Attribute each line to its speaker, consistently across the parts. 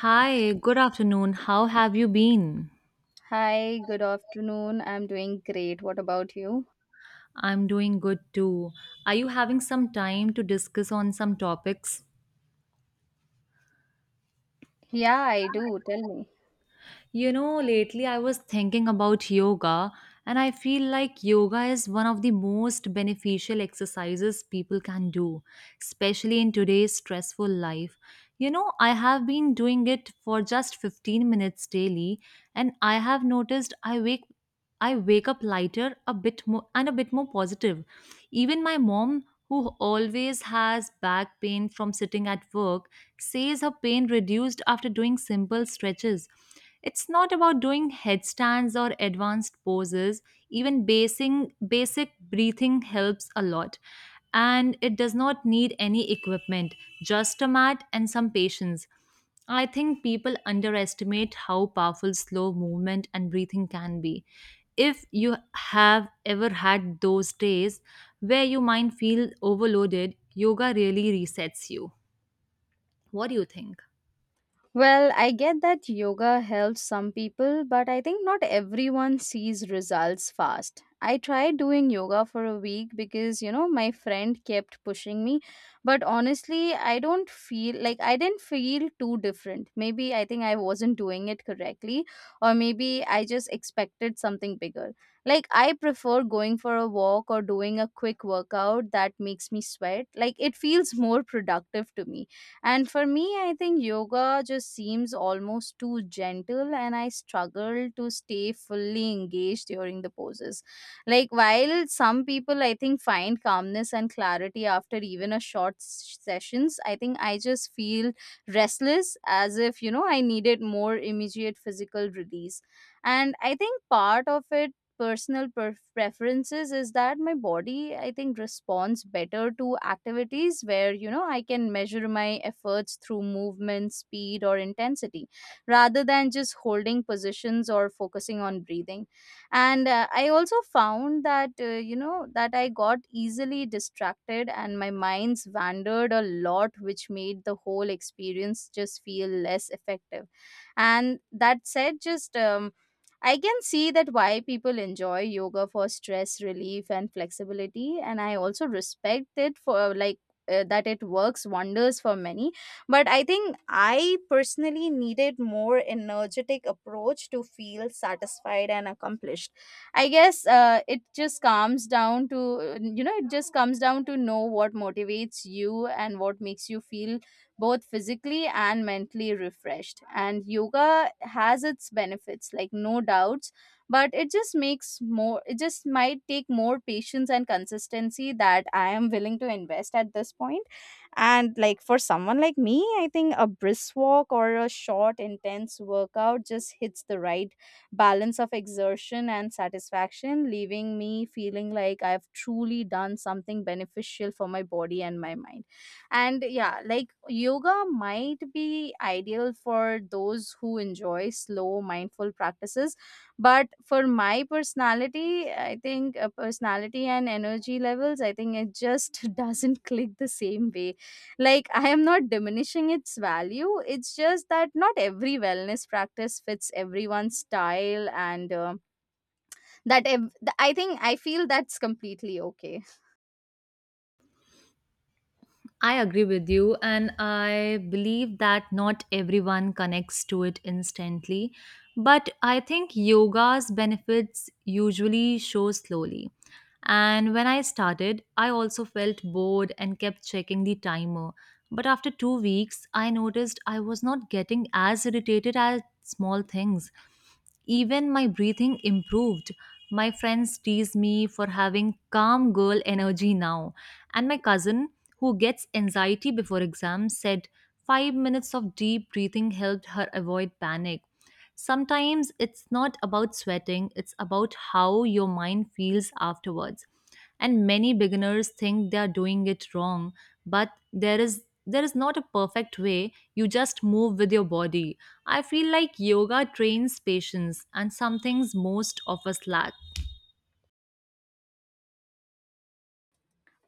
Speaker 1: Hi, good afternoon. How have you been?
Speaker 2: Hi, good afternoon. I'm doing great. What about you?
Speaker 1: I'm doing good too. Are you having some time to discuss on some topics?
Speaker 2: Yeah, I do. Tell me.
Speaker 1: You know, lately I was thinking about yoga, and I feel like yoga is one of the most beneficial exercises people can do, especially in today's stressful life. You know, I have been doing it for just 15 minutes daily, and I have noticed I wake up lighter, a bit more positive. Even my mom, who always has back pain from sitting at work, says her pain reduced after doing simple stretches. It's not about doing headstands or advanced poses. Even basic breathing helps a lot. And it does not need any equipment, just a mat and some patience. I think people underestimate how powerful slow movement and breathing can be. If you have ever had those days where your mind feels overloaded, yoga really resets you. What do you think?
Speaker 2: Well, I get that yoga helps some people, but I think not everyone sees results fast. I tried doing yoga for a week because, you know, my friend kept pushing me, but honestly, I didn't feel too different. Maybe I think I wasn't doing it correctly, or maybe I just expected something bigger. Like, I prefer going for a walk or doing a quick workout that makes me sweat. Like, it feels more productive to me, and for me, I think yoga just seems almost too gentle, and I struggle to stay fully engaged during the poses. Like, while some people I think find calmness and clarity after even a sessions, I think I just feel restless, as if you know I needed more immediate physical release. And I think part of it, preferences, is that my body I think responds better to activities where you know I can measure my efforts through movement speed or intensity rather than just holding positions or focusing on breathing. And I also found that you know that I got easily distracted and my minds wandered a lot, which made the whole experience just feel less effective. And that said, just I can see that why people enjoy yoga for stress relief and flexibility, and I also respect it for, like, that it works wonders for many. But I think I personally needed more energetic approach to feel satisfied and accomplished. I guess it just comes down to you know it just comes down to know what motivates you and what makes you feel both physically and mentally refreshed. And yoga has its benefits, like, no doubts, but it just might take more patience and consistency that I am willing to invest at this point. And like, for someone like me, I think a brisk walk or a short, intense workout just hits the right balance of exertion and satisfaction, leaving me feeling like I've truly done something beneficial for my body and my mind. And yeah, like, yoga might be ideal for those who enjoy slow, mindful practices. But for my personality, I think, personality and energy levels, I think it just doesn't click the same way. Like, I am not diminishing its value. It's just that not every wellness practice fits everyone's style. And that ev- th- I think I feel that's completely okay.
Speaker 1: I agree with you, and I believe that not everyone connects to it instantly. But I think yoga's benefits usually show slowly. And when I started, I also felt bored and kept checking the timer. But after 2 weeks, I noticed I was not getting as irritated at small things. Even my breathing improved. My friends tease me for having calm girl energy now. And my cousin, who gets anxiety before exams, said 5 minutes of deep breathing helped her avoid panic. Sometimes it's not about sweating, it's about how your mind feels afterwards. And many beginners think they are doing it wrong, but there is not a perfect way. You just move with your body. I feel like yoga trains patience and some things most of us lack.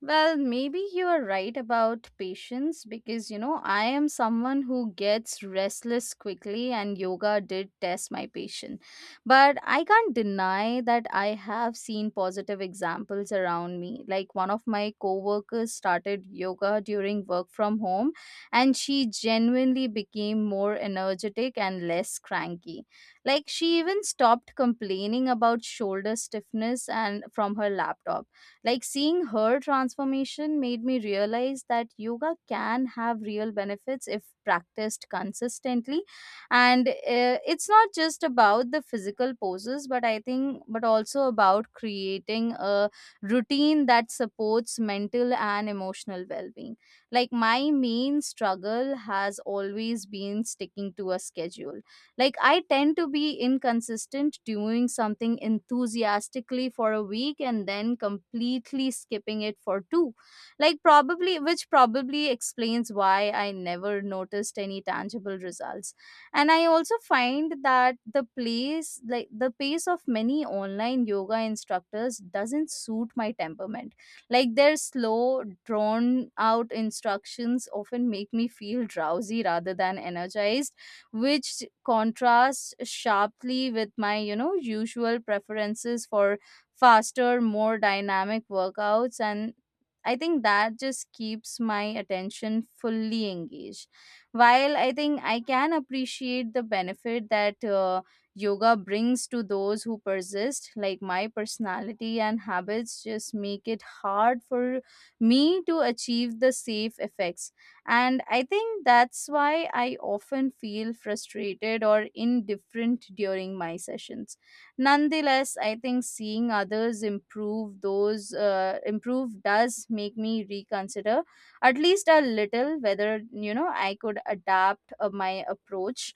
Speaker 2: Well, maybe you are right about patience because you know, I am someone who gets restless quickly, and yoga did test my patience. But I can't deny that I have seen positive examples around me. Like, one of my coworkers started yoga during work from home, and she genuinely became more energetic and less cranky. Like, she even stopped complaining about shoulder stiffness and from her laptop. Like, seeing her transformation made me realize that yoga can have real benefits if practiced consistently. And it's not just about the physical poses, but also about creating a routine that supports mental and emotional well being. Like, my main struggle has always been sticking to a schedule. Like, I tend to be inconsistent, doing something enthusiastically for a week and then completely skipping it for two. Like, which probably explains why I never noticed any tangible results. And I also find that the pace of many online yoga instructors doesn't suit my temperament. Like, their slow, drawn out instructions often make me feel drowsy rather than energized, which contrasts sharply with my you know usual preferences for faster, more dynamic workouts, and I think that just keeps my attention fully engaged. While I think I can appreciate the benefit that yoga brings to those who persist, like, my personality and habits just make it hard for me to achieve the safe effects, and I think that's why I often feel frustrated or indifferent during my sessions. Nonetheless, I think seeing others improve does make me reconsider, at least a little, whether you know I could adapt my approach,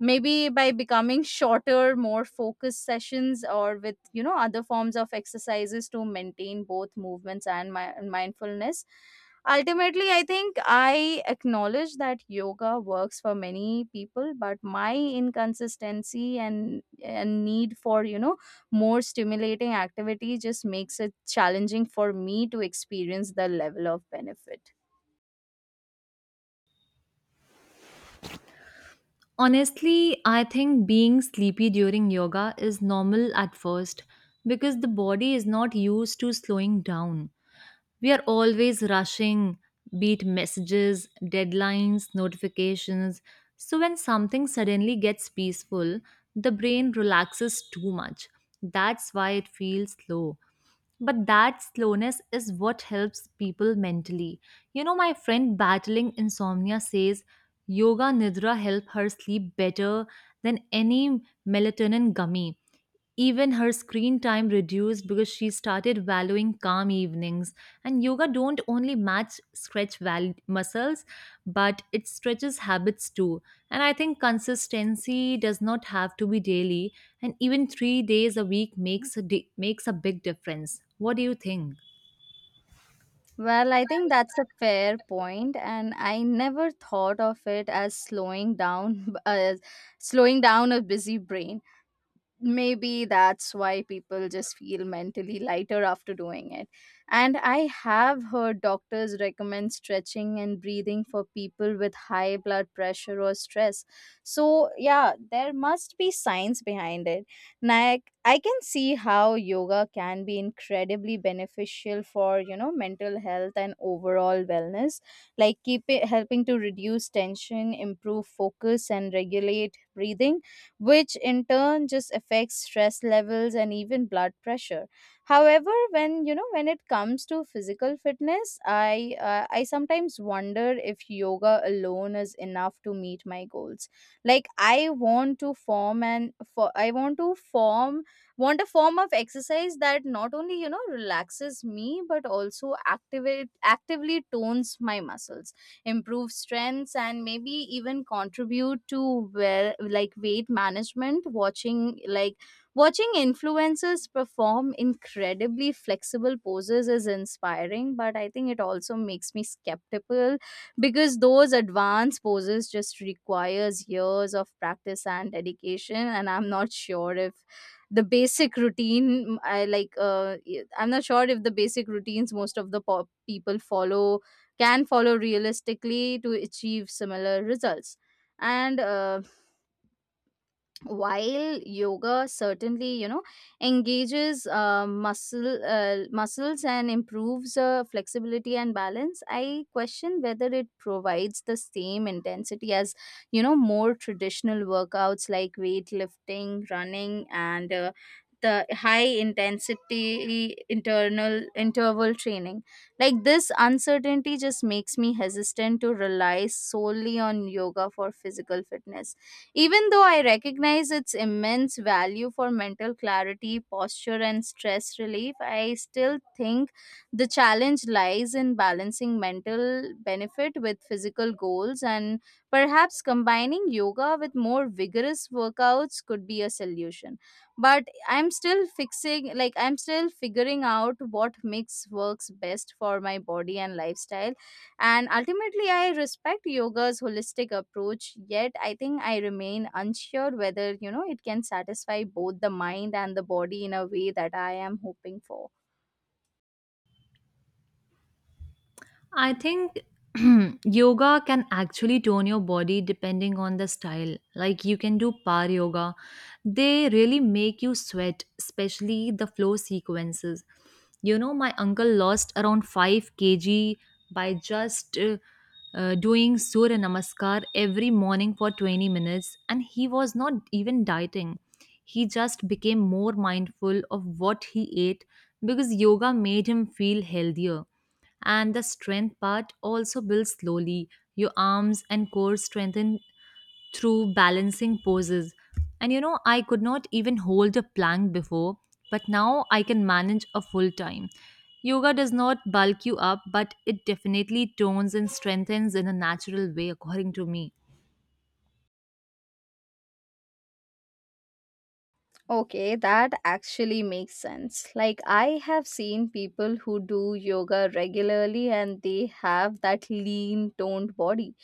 Speaker 2: maybe by becoming shorter, more focused sessions or with you know other forms of exercises to maintain both movements and my mindfulness. Ultimately, I think I acknowledge that yoga works for many people, but my inconsistency and need for you know more stimulating activity just makes it challenging for me to experience the level of benefit.
Speaker 1: Honestly, I think being sleepy during yoga is normal at first because the body is not used to slowing down. We are always rushing, be it messages, deadlines, notifications. So when something suddenly gets peaceful, the brain relaxes too much. That's why it feels slow. But that slowness is what helps people mentally. You know, my friend battling insomnia says yoga nidra help her sleep better than any melatonin gummy. Even her screen time reduced because she started valuing calm evenings. And yoga don't only muscles, but it stretches habits too. And I think consistency does not have to be daily, and even 3 days a week makes a big difference. What do you think?
Speaker 2: Well, I think that's a fair point, and I never thought of it as as slowing down a busy brain. Maybe that's why people just feel mentally lighter after doing it, and I have heard doctors recommend stretching and breathing for people with high blood pressure or stress. So yeah, there must be science behind it. Like, I can see how yoga can be incredibly beneficial for you know mental health and overall wellness, like keep it helping to reduce tension, improve focus, and regulate breathing, which in turn just affects stress levels and even blood pressure. However, when you know when it comes to physical fitness, I sometimes wonder if yoga alone is enough to meet my goals. Like, I want to form, want a form of exercise that not only you know relaxes me but also activate actively tones my muscles, improve strengths, and maybe even contribute to, well, like, weight management. Watching influencers perform incredibly flexible poses is inspiring, but I think it also makes me skeptical because those advanced poses just requires years of practice and dedication, and I'm not sure if the basic routine I like I'm not sure if the basic routines most of the people follow can follow realistically to achieve similar results. And while yoga certainly you know engages muscles and improves flexibility and balance, I question whether it provides the same intensity as you know more traditional workouts like weightlifting, running, and the high intensity internal interval training. Like, this uncertainty just makes me hesitant to rely solely on yoga for physical fitness. Even though I recognize its immense value for mental clarity, posture, and stress relief, I still think the challenge lies in balancing mental benefit with physical goals, and perhaps combining yoga with more vigorous workouts could be a solution. But I'm still figuring out what mix works best for my body and lifestyle. And ultimately, I respect yoga's holistic approach, yet I think I remain unsure whether, you know, it can satisfy both the mind and the body in a way that I am hoping for.
Speaker 1: I think yoga can actually tone your body depending on the style. Like you can do power yoga. They really make you sweat, especially the flow sequences. You know, my uncle lost around 5 kg by just doing Surya Namaskar every morning for 20 minutes, and he was not even dieting. He just became more mindful of what he ate because yoga made him feel healthier. And the strength part also builds slowly. Your arms and core strengthen through balancing poses. And you know, I could not even hold a plank before, but now I can manage a full time. Yoga does not bulk you up, but it definitely tones and strengthens in a natural way, according to me.
Speaker 2: Okay, that actually makes sense. Like, I have seen people who do yoga regularly and they have that lean, toned body.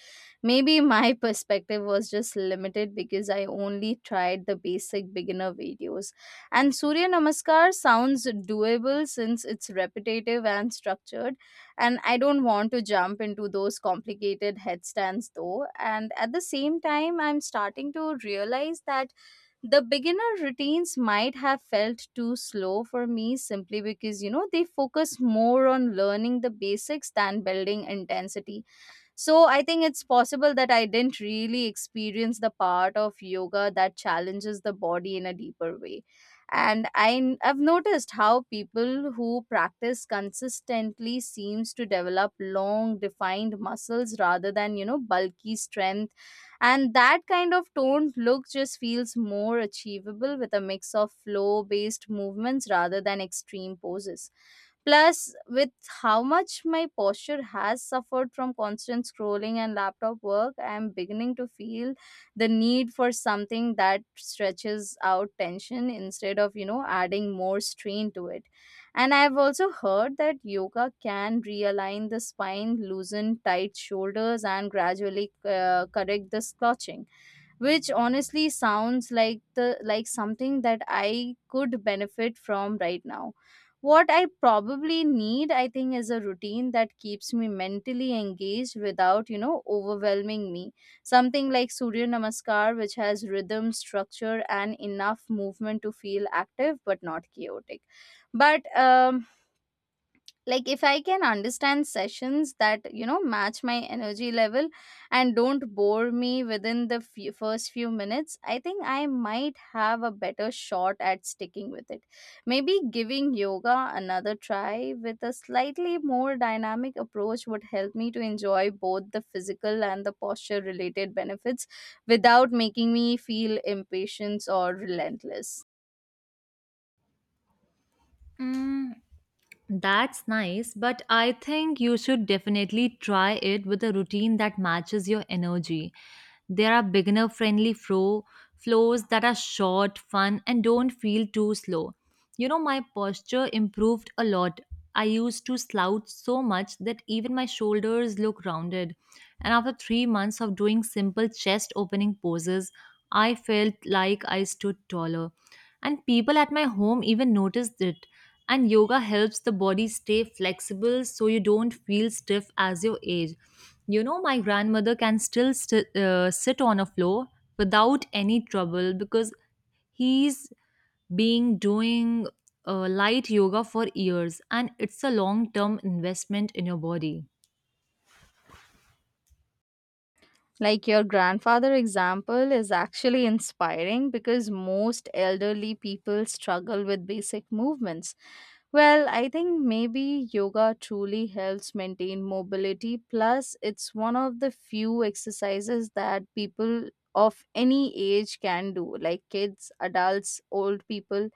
Speaker 2: Maybe my perspective was just limited because I only tried the basic beginner videos. And Surya Namaskar sounds doable since it's repetitive and structured. And I don't want to jump into those complicated headstands though. And at the same time, I'm starting to realize that the beginner routines might have felt too slow for me simply because, you know, they focus more on learning the basics than building intensity. So I think it's possible that I didn't really experience the part of yoga that challenges the body in a deeper way. And I've noticed how people who practice consistently seems to develop long defined muscles rather than, you know, bulky strength. And that kind of toned look just feels more achievable with a mix of flow based movements rather than extreme poses. Plus, with how much my posture has suffered from constant scrolling and laptop work, I am beginning to feel the need for something that stretches out tension instead of, you know, adding more strain to it. And I've also heard that yoga can realign the spine, loosen tight shoulders, and gradually correct the slouching, which honestly sounds like the like something that I could benefit from right now. What I probably need, I think, is a routine that keeps me mentally engaged without, you know, overwhelming me. Something like Surya Namaskar, which has rhythm, structure, and enough movement to feel active but not chaotic. But like, if I can understand sessions that you know match my energy level and don't bore me within the first few minutes, I think I might have a better shot at sticking with it. Maybe giving yoga another try with a slightly more dynamic approach would help me to enjoy both the physical and the posture related benefits without making me feel impatient or relentless.
Speaker 1: That's nice, but I think you should definitely try it with a routine that matches your energy. There are beginner friendly flows that are short, fun and don't feel too slow. You know, my posture improved a lot. I used to slouch so much that even my shoulders look rounded. And after 3 months of doing simple chest opening poses, I felt like I stood taller. And people at my home even noticed it. And yoga helps the body stay flexible so you don't feel stiff as you age. You know, my grandmother can still sit on a floor without any trouble because he's been doing light yoga for years, and it's a long term investment in your body.
Speaker 2: Like, your grandfather example is actually inspiring because most elderly people struggle with basic movements. Well, I think maybe yoga truly helps maintain mobility. Plus, it's one of the few exercises that people of any age can do, like kids, adults, old people.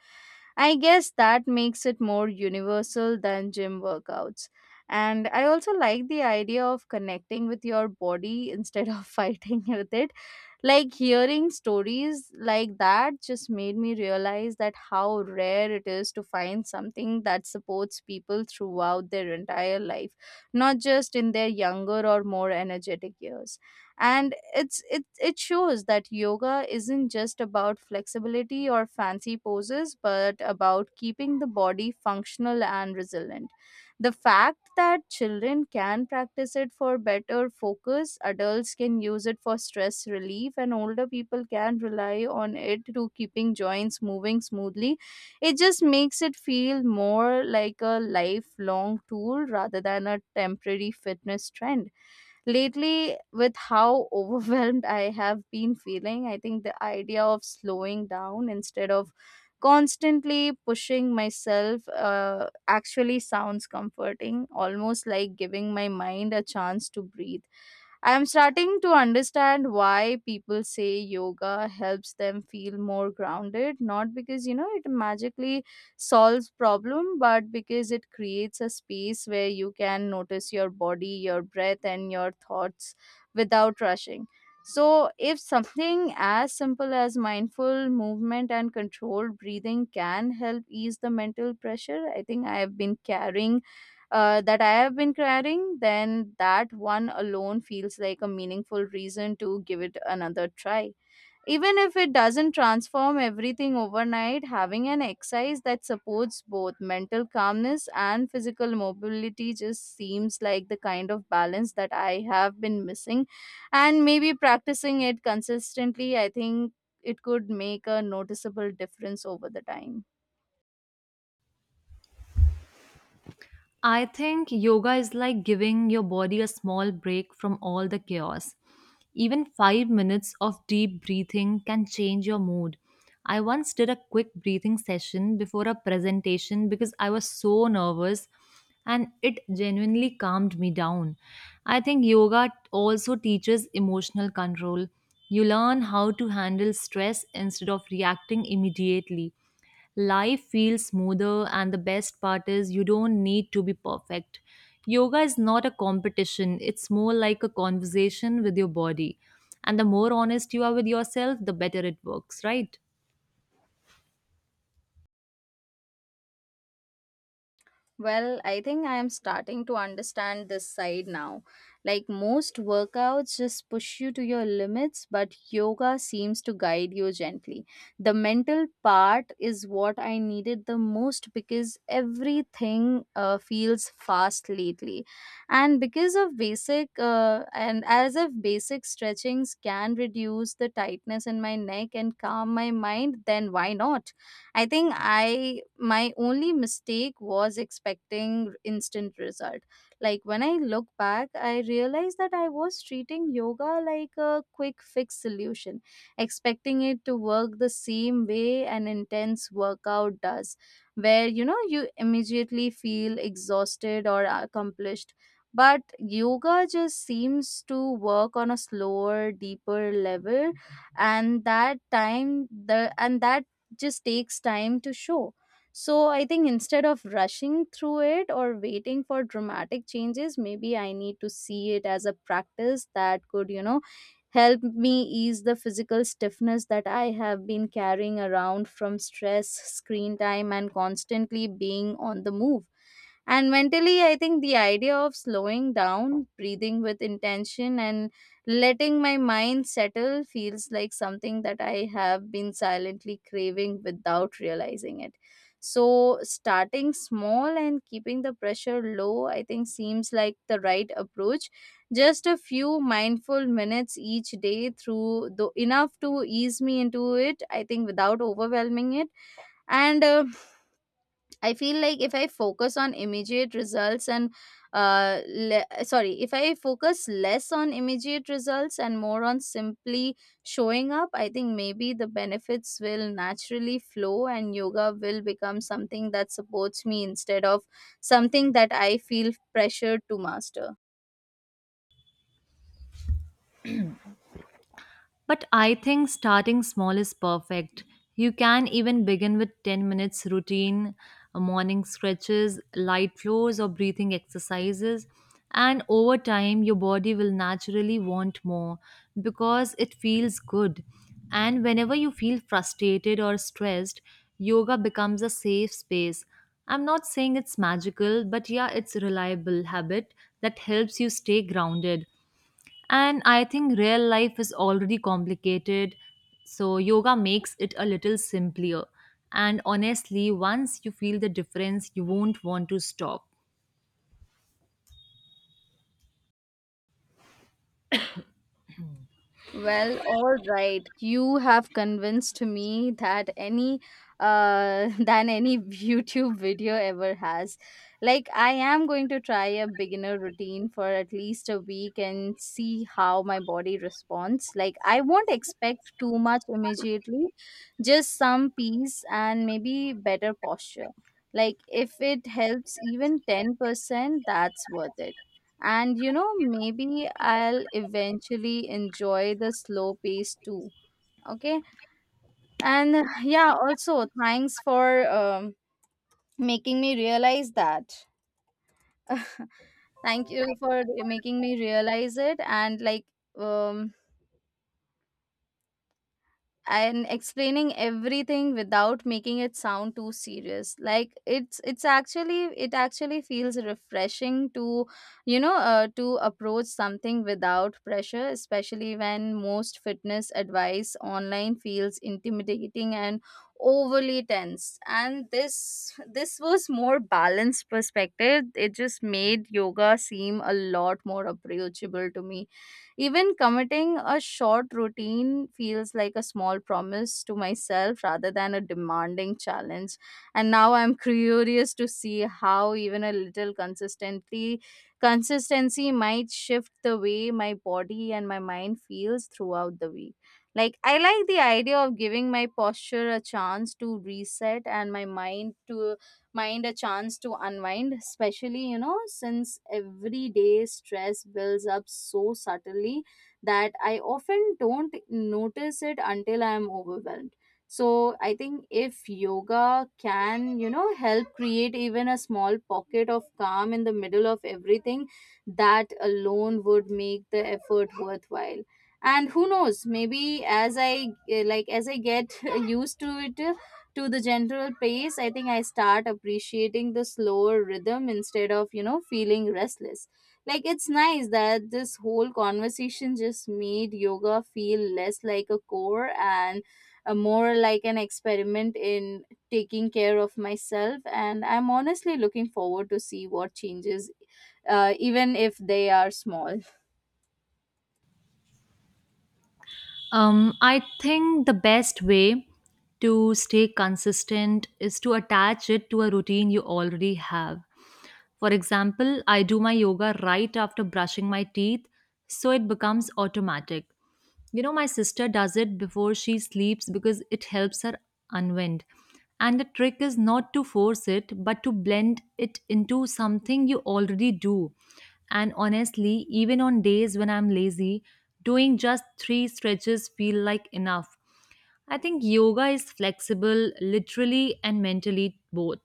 Speaker 2: I guess that makes it more universal than gym workouts. And I also like the idea of connecting with your body instead of fighting with it. Like hearing stories like that just made me realize that how rare it is to find something that supports people throughout their entire life, not just in their younger or more energetic years, and it shows that yoga isn't just about flexibility or fancy poses, but about keeping the body functional and resilient. The fact that children can practice it for better focus, adults can use it for stress relief, and older people can rely on it to keeping joints moving smoothly, it just makes it feel more like a lifelong tool rather than a temporary fitness trend. Lately, with how overwhelmed I have been feeling, I think the idea of slowing down instead of constantly pushing myself actually sounds comforting, almost like giving my mind a chance to breathe. I am starting to understand why people say yoga helps them feel more grounded, not because it magically solves problem, but because it creates a space where you can notice your body, your breath, and your thoughts without rushing. So, if something as simple as mindful movement and controlled breathing can help ease the mental pressure I think I have been carrying that I have been carrying, then that one alone feels like a meaningful reason to give it another try. Even if it doesn't transform everything overnight, having an exercise that supports both mental calmness and physical mobility just seems like the kind of balance that I have been missing. And maybe practicing it consistently, I think it could make a noticeable difference over the time.
Speaker 1: I think yoga is like giving your body a small break from all the chaos. Even 5 minutes of deep breathing can change your mood. I once did a quick breathing session before a presentation because I was so nervous, and it genuinely calmed me down. I think yoga also teaches emotional control. You learn how to handle stress instead of reacting immediately. Life feels smoother, and the best part is you don't need to be perfect. Yoga is not a competition, it's more like a conversation with your body. And the more honest you are with yourself, the better it works, right?
Speaker 2: Well, I think I am starting to understand this side now. Like most workouts just push you to your limits, but yoga seems to guide you gently. The mental part is what I needed the most because everything feels fast lately. And as if basic stretchings can reduce the tightness in my neck and calm my mind, then why not? I think I my only mistake was expecting instant result. Like when I look back, I realized that I was treating yoga like a quick fix solution, expecting it to work the same way an intense workout does, where you immediately feel exhausted or accomplished. But yoga just seems to work on a slower, deeper level, and that just takes time to show. So I think instead of rushing through it or waiting for dramatic changes, maybe I need to see it as a practice that could, help me ease the physical stiffness that I have been carrying around from stress, screen time, and constantly being on the move. And mentally, I think the idea of slowing down, breathing with intention, and letting my mind settle feels like something that I have been silently craving without realizing it. So, starting small and keeping the pressure low, I think, seems like the right approach. Just a few mindful minutes each day through, though, enough to ease me into it, I think, without overwhelming it. And I feel like if I focus on immediate results and le- sorry if I focus less on immediate results and more on simply showing up, I think maybe the benefits will naturally flow and yoga will become something that supports me instead of something that I feel pressured to master.
Speaker 1: But I think starting small is perfect. You can even begin with 10 minutes routine, morning stretches, light floors, or breathing exercises. And over time, your body will naturally want more because it feels good. And whenever you feel frustrated or stressed, yoga becomes a safe space. I'm not saying it's magical, but yeah, it's a reliable habit that helps you stay grounded. And I think real life is already complicated, so yoga makes it a little simpler. And honestly, once you feel the difference, you won't want to stop.
Speaker 2: Well, all right. You have convinced me that any than any YouTube video ever has. Like I am going to try a beginner routine for at least a week and see how my body responds. Like I won't expect too much immediately, just some peace and maybe better posture. Like if it helps even 10%, that's worth it. And you know, maybe I'll eventually enjoy the slow pace too. Okay. And yeah, also thanks for making me realize that. Thank you for making me realize it. Um, and explaining everything without making it sound too serious. Like it actually feels refreshing to you know to approach something without pressure, especially when most fitness advice online feels intimidating and overly tense, and this was more balanced perspective. It just made yoga seem a lot more approachable to me. Even committing a short routine feels like a small promise to myself rather than a demanding challenge. And now I'm curious to see how even a little consistently consistency might shift the way my body and my mind feels throughout the week. Like I like the idea of giving my posture a chance to reset, and my mind a chance to unwind, especially since everyday stress builds up so subtly that I often don't notice it until I am overwhelmed. So I think if yoga can help create even a small pocket of calm in the middle of everything, that alone would make the effort worthwhile. And who knows, maybe as I get used to it to the general pace, I think I start appreciating the slower rhythm instead of, you know, feeling restless. Like it's nice that this whole conversation just made yoga feel less like a chore and more like an experiment in taking care of myself. And I'm honestly looking forward to see what changes, even if they are small.
Speaker 1: I think the best way to stay consistent is to attach it to a routine you already have. For example, I do my yoga right after brushing my teeth, so it becomes automatic. You know, my sister does it before she sleeps because it helps her unwind. And the trick is not to force it, but to blend it into something you already do. And honestly, even on days when I'm lazy, doing just three stretches feel like enough. I think yoga is flexible literally and mentally both,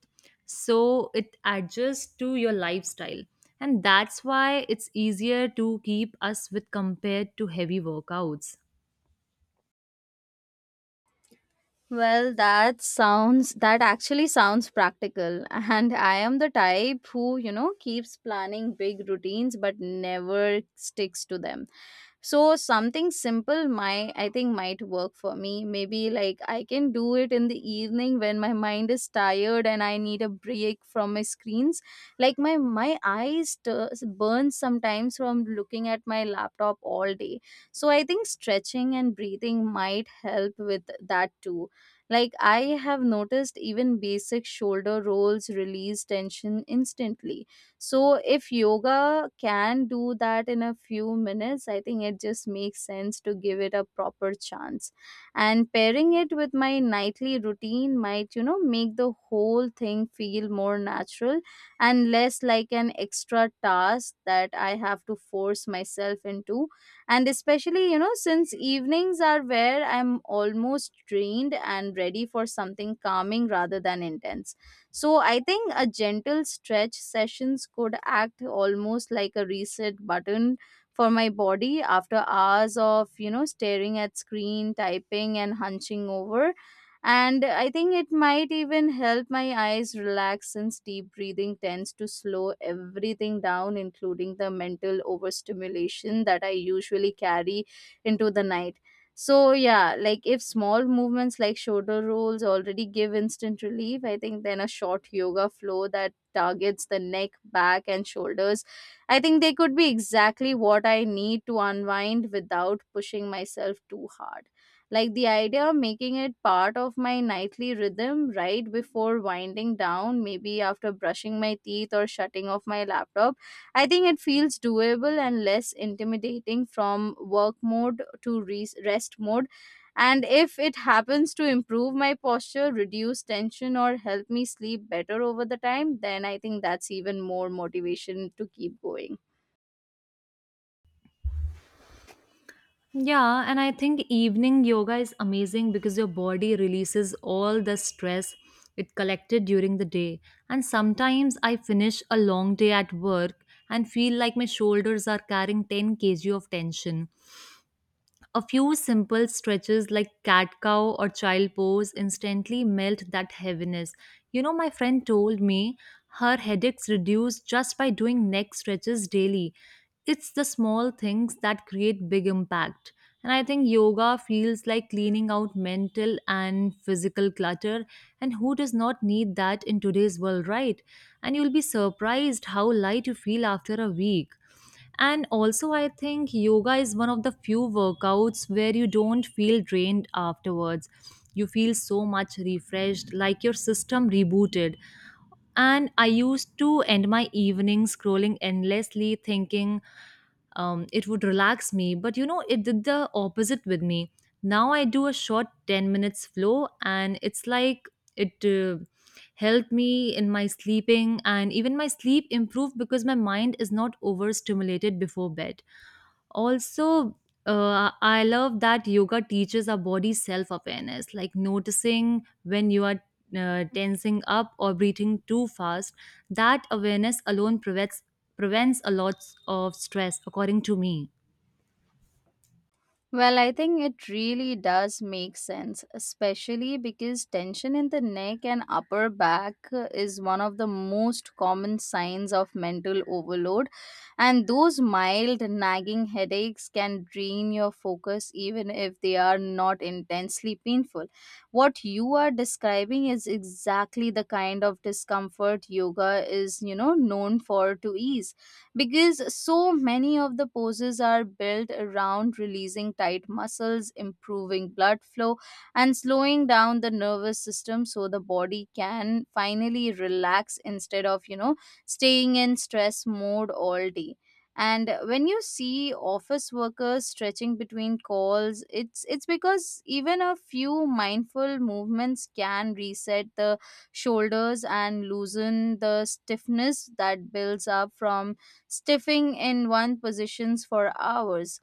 Speaker 1: so it adjusts to your lifestyle. And that's why it's easier to keep us with compared to heavy workouts.
Speaker 2: Well, that sounds that actually sounds practical. And I am the type who, you know, keeps planning big routines but never sticks to them. So something simple might I think might work for me. Maybe like I can do it in the evening when my mind is tired and I need a break from my screens. Like my eyes burn sometimes from looking at my laptop all day. So I think stretching and breathing might help with that too. Like I have noticed even basic shoulder rolls release tension instantly. So if yoga can do that in a few minutes, I think it just makes sense to give it a proper chance. And pairing it with my nightly routine might make the whole thing feel more natural and less like an extra task that I have to force myself into. And especially since evenings are where I'm almost drained and ready for something calming rather than intense, so I think a gentle stretch sessions could act almost like a reset button for my body after hours of, staring at screen, typing and hunching over. And I think it might even help my eyes relax since deep breathing tends to slow everything down, including the mental overstimulation that I usually carry into the night. So yeah, like if small movements like shoulder rolls already give instant relief, I think then a short yoga flow that targets the neck, back and shoulders, I think they could be exactly what I need to unwind without pushing myself too hard. Like the idea of making it part of my nightly rhythm right before winding down, maybe after brushing my teeth or shutting off my laptop, I think it feels doable and less intimidating, from work mode to rest mode. And if it happens to improve my posture, reduce tension, or help me sleep better over the time, then I think that's even more motivation to keep going.
Speaker 1: Yeah, and I think evening yoga is amazing because your body releases all the stress it collected during the day. And sometimes I finish a long day at work and feel like my shoulders are carrying 10 kg of tension. A few simple stretches like cat cow or child pose instantly melt that heaviness. You know, my friend told me her headaches reduce just by doing neck stretches daily. It's the small things that create big impact. And I think yoga feels like cleaning out mental and physical clutter. And who does not need that in today's world, right? And you'll be surprised how light you feel after a week. And also, I think yoga is one of the few workouts where you don't feel drained afterwards. You feel so much refreshed, like your system rebooted. And I used to end my evening scrolling endlessly, thinking it would relax me. But you know, it did the opposite with me. Now I do a short 10 minutes flow, and it's like it helped me in my sleeping, and even my sleep improved because my mind is not overstimulated before bed. Also, I love that yoga teaches our body self awareness, like noticing when you are tensing up or breathing too fast. That awareness alone prevents a lot of stress, according to me.
Speaker 2: Well, I think it really does make sense, especially because tension in the neck and upper back is one of the most common signs of mental overload. And those mild nagging headaches can drain your focus even if they are not intensely painful. What you are describing is exactly the kind of discomfort yoga is, known for to ease, because so many of the poses are built around releasing tight muscles, improving blood flow, and slowing down the nervous system so the body can finally relax instead of, staying in stress mode all day. And when you see office workers stretching between calls, it's because even a few mindful movements can reset the shoulders and loosen the stiffness that builds up from stiffing in one positions for hours.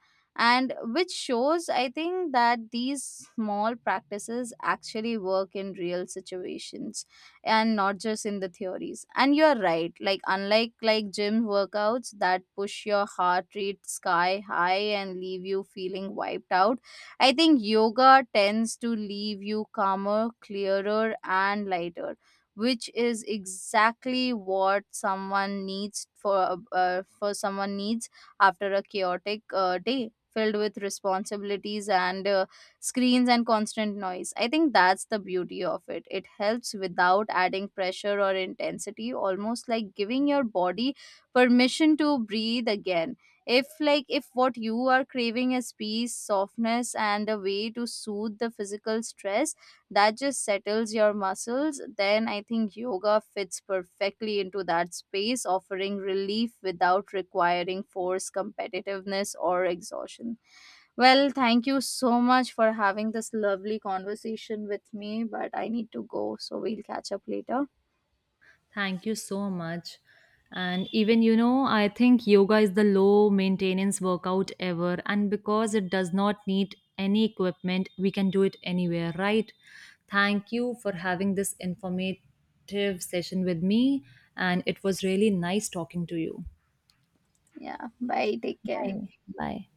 Speaker 2: And which shows, I think, that these small practices actually work in real situations and not just in the theories. And you're right, like unlike like gym workouts that push your heart rate sky high and leave you feeling wiped out, I think yoga tends to leave you calmer, clearer and lighter, which is exactly what someone needs after a chaotic day filled with responsibilities and screens and constant noise. I think that's the beauty of it. It helps without adding pressure or intensity, almost like giving your body permission to breathe again. If what you are craving is peace, softness and a way to soothe the physical stress that just settles your muscles, then I think yoga fits perfectly into that space, offering relief without requiring force, competitiveness or exhaustion. Well, thank you so much for having this lovely conversation with me, but I need to go, so we'll catch up later.
Speaker 1: Thank you so much. And even, you know, I think yoga is the low maintenance workout ever. And because it does not need any equipment, we can do it anywhere, right? Thank you for having this informative session with me. And it was really nice talking to you.
Speaker 2: Yeah, bye, take care.
Speaker 1: Bye. Bye.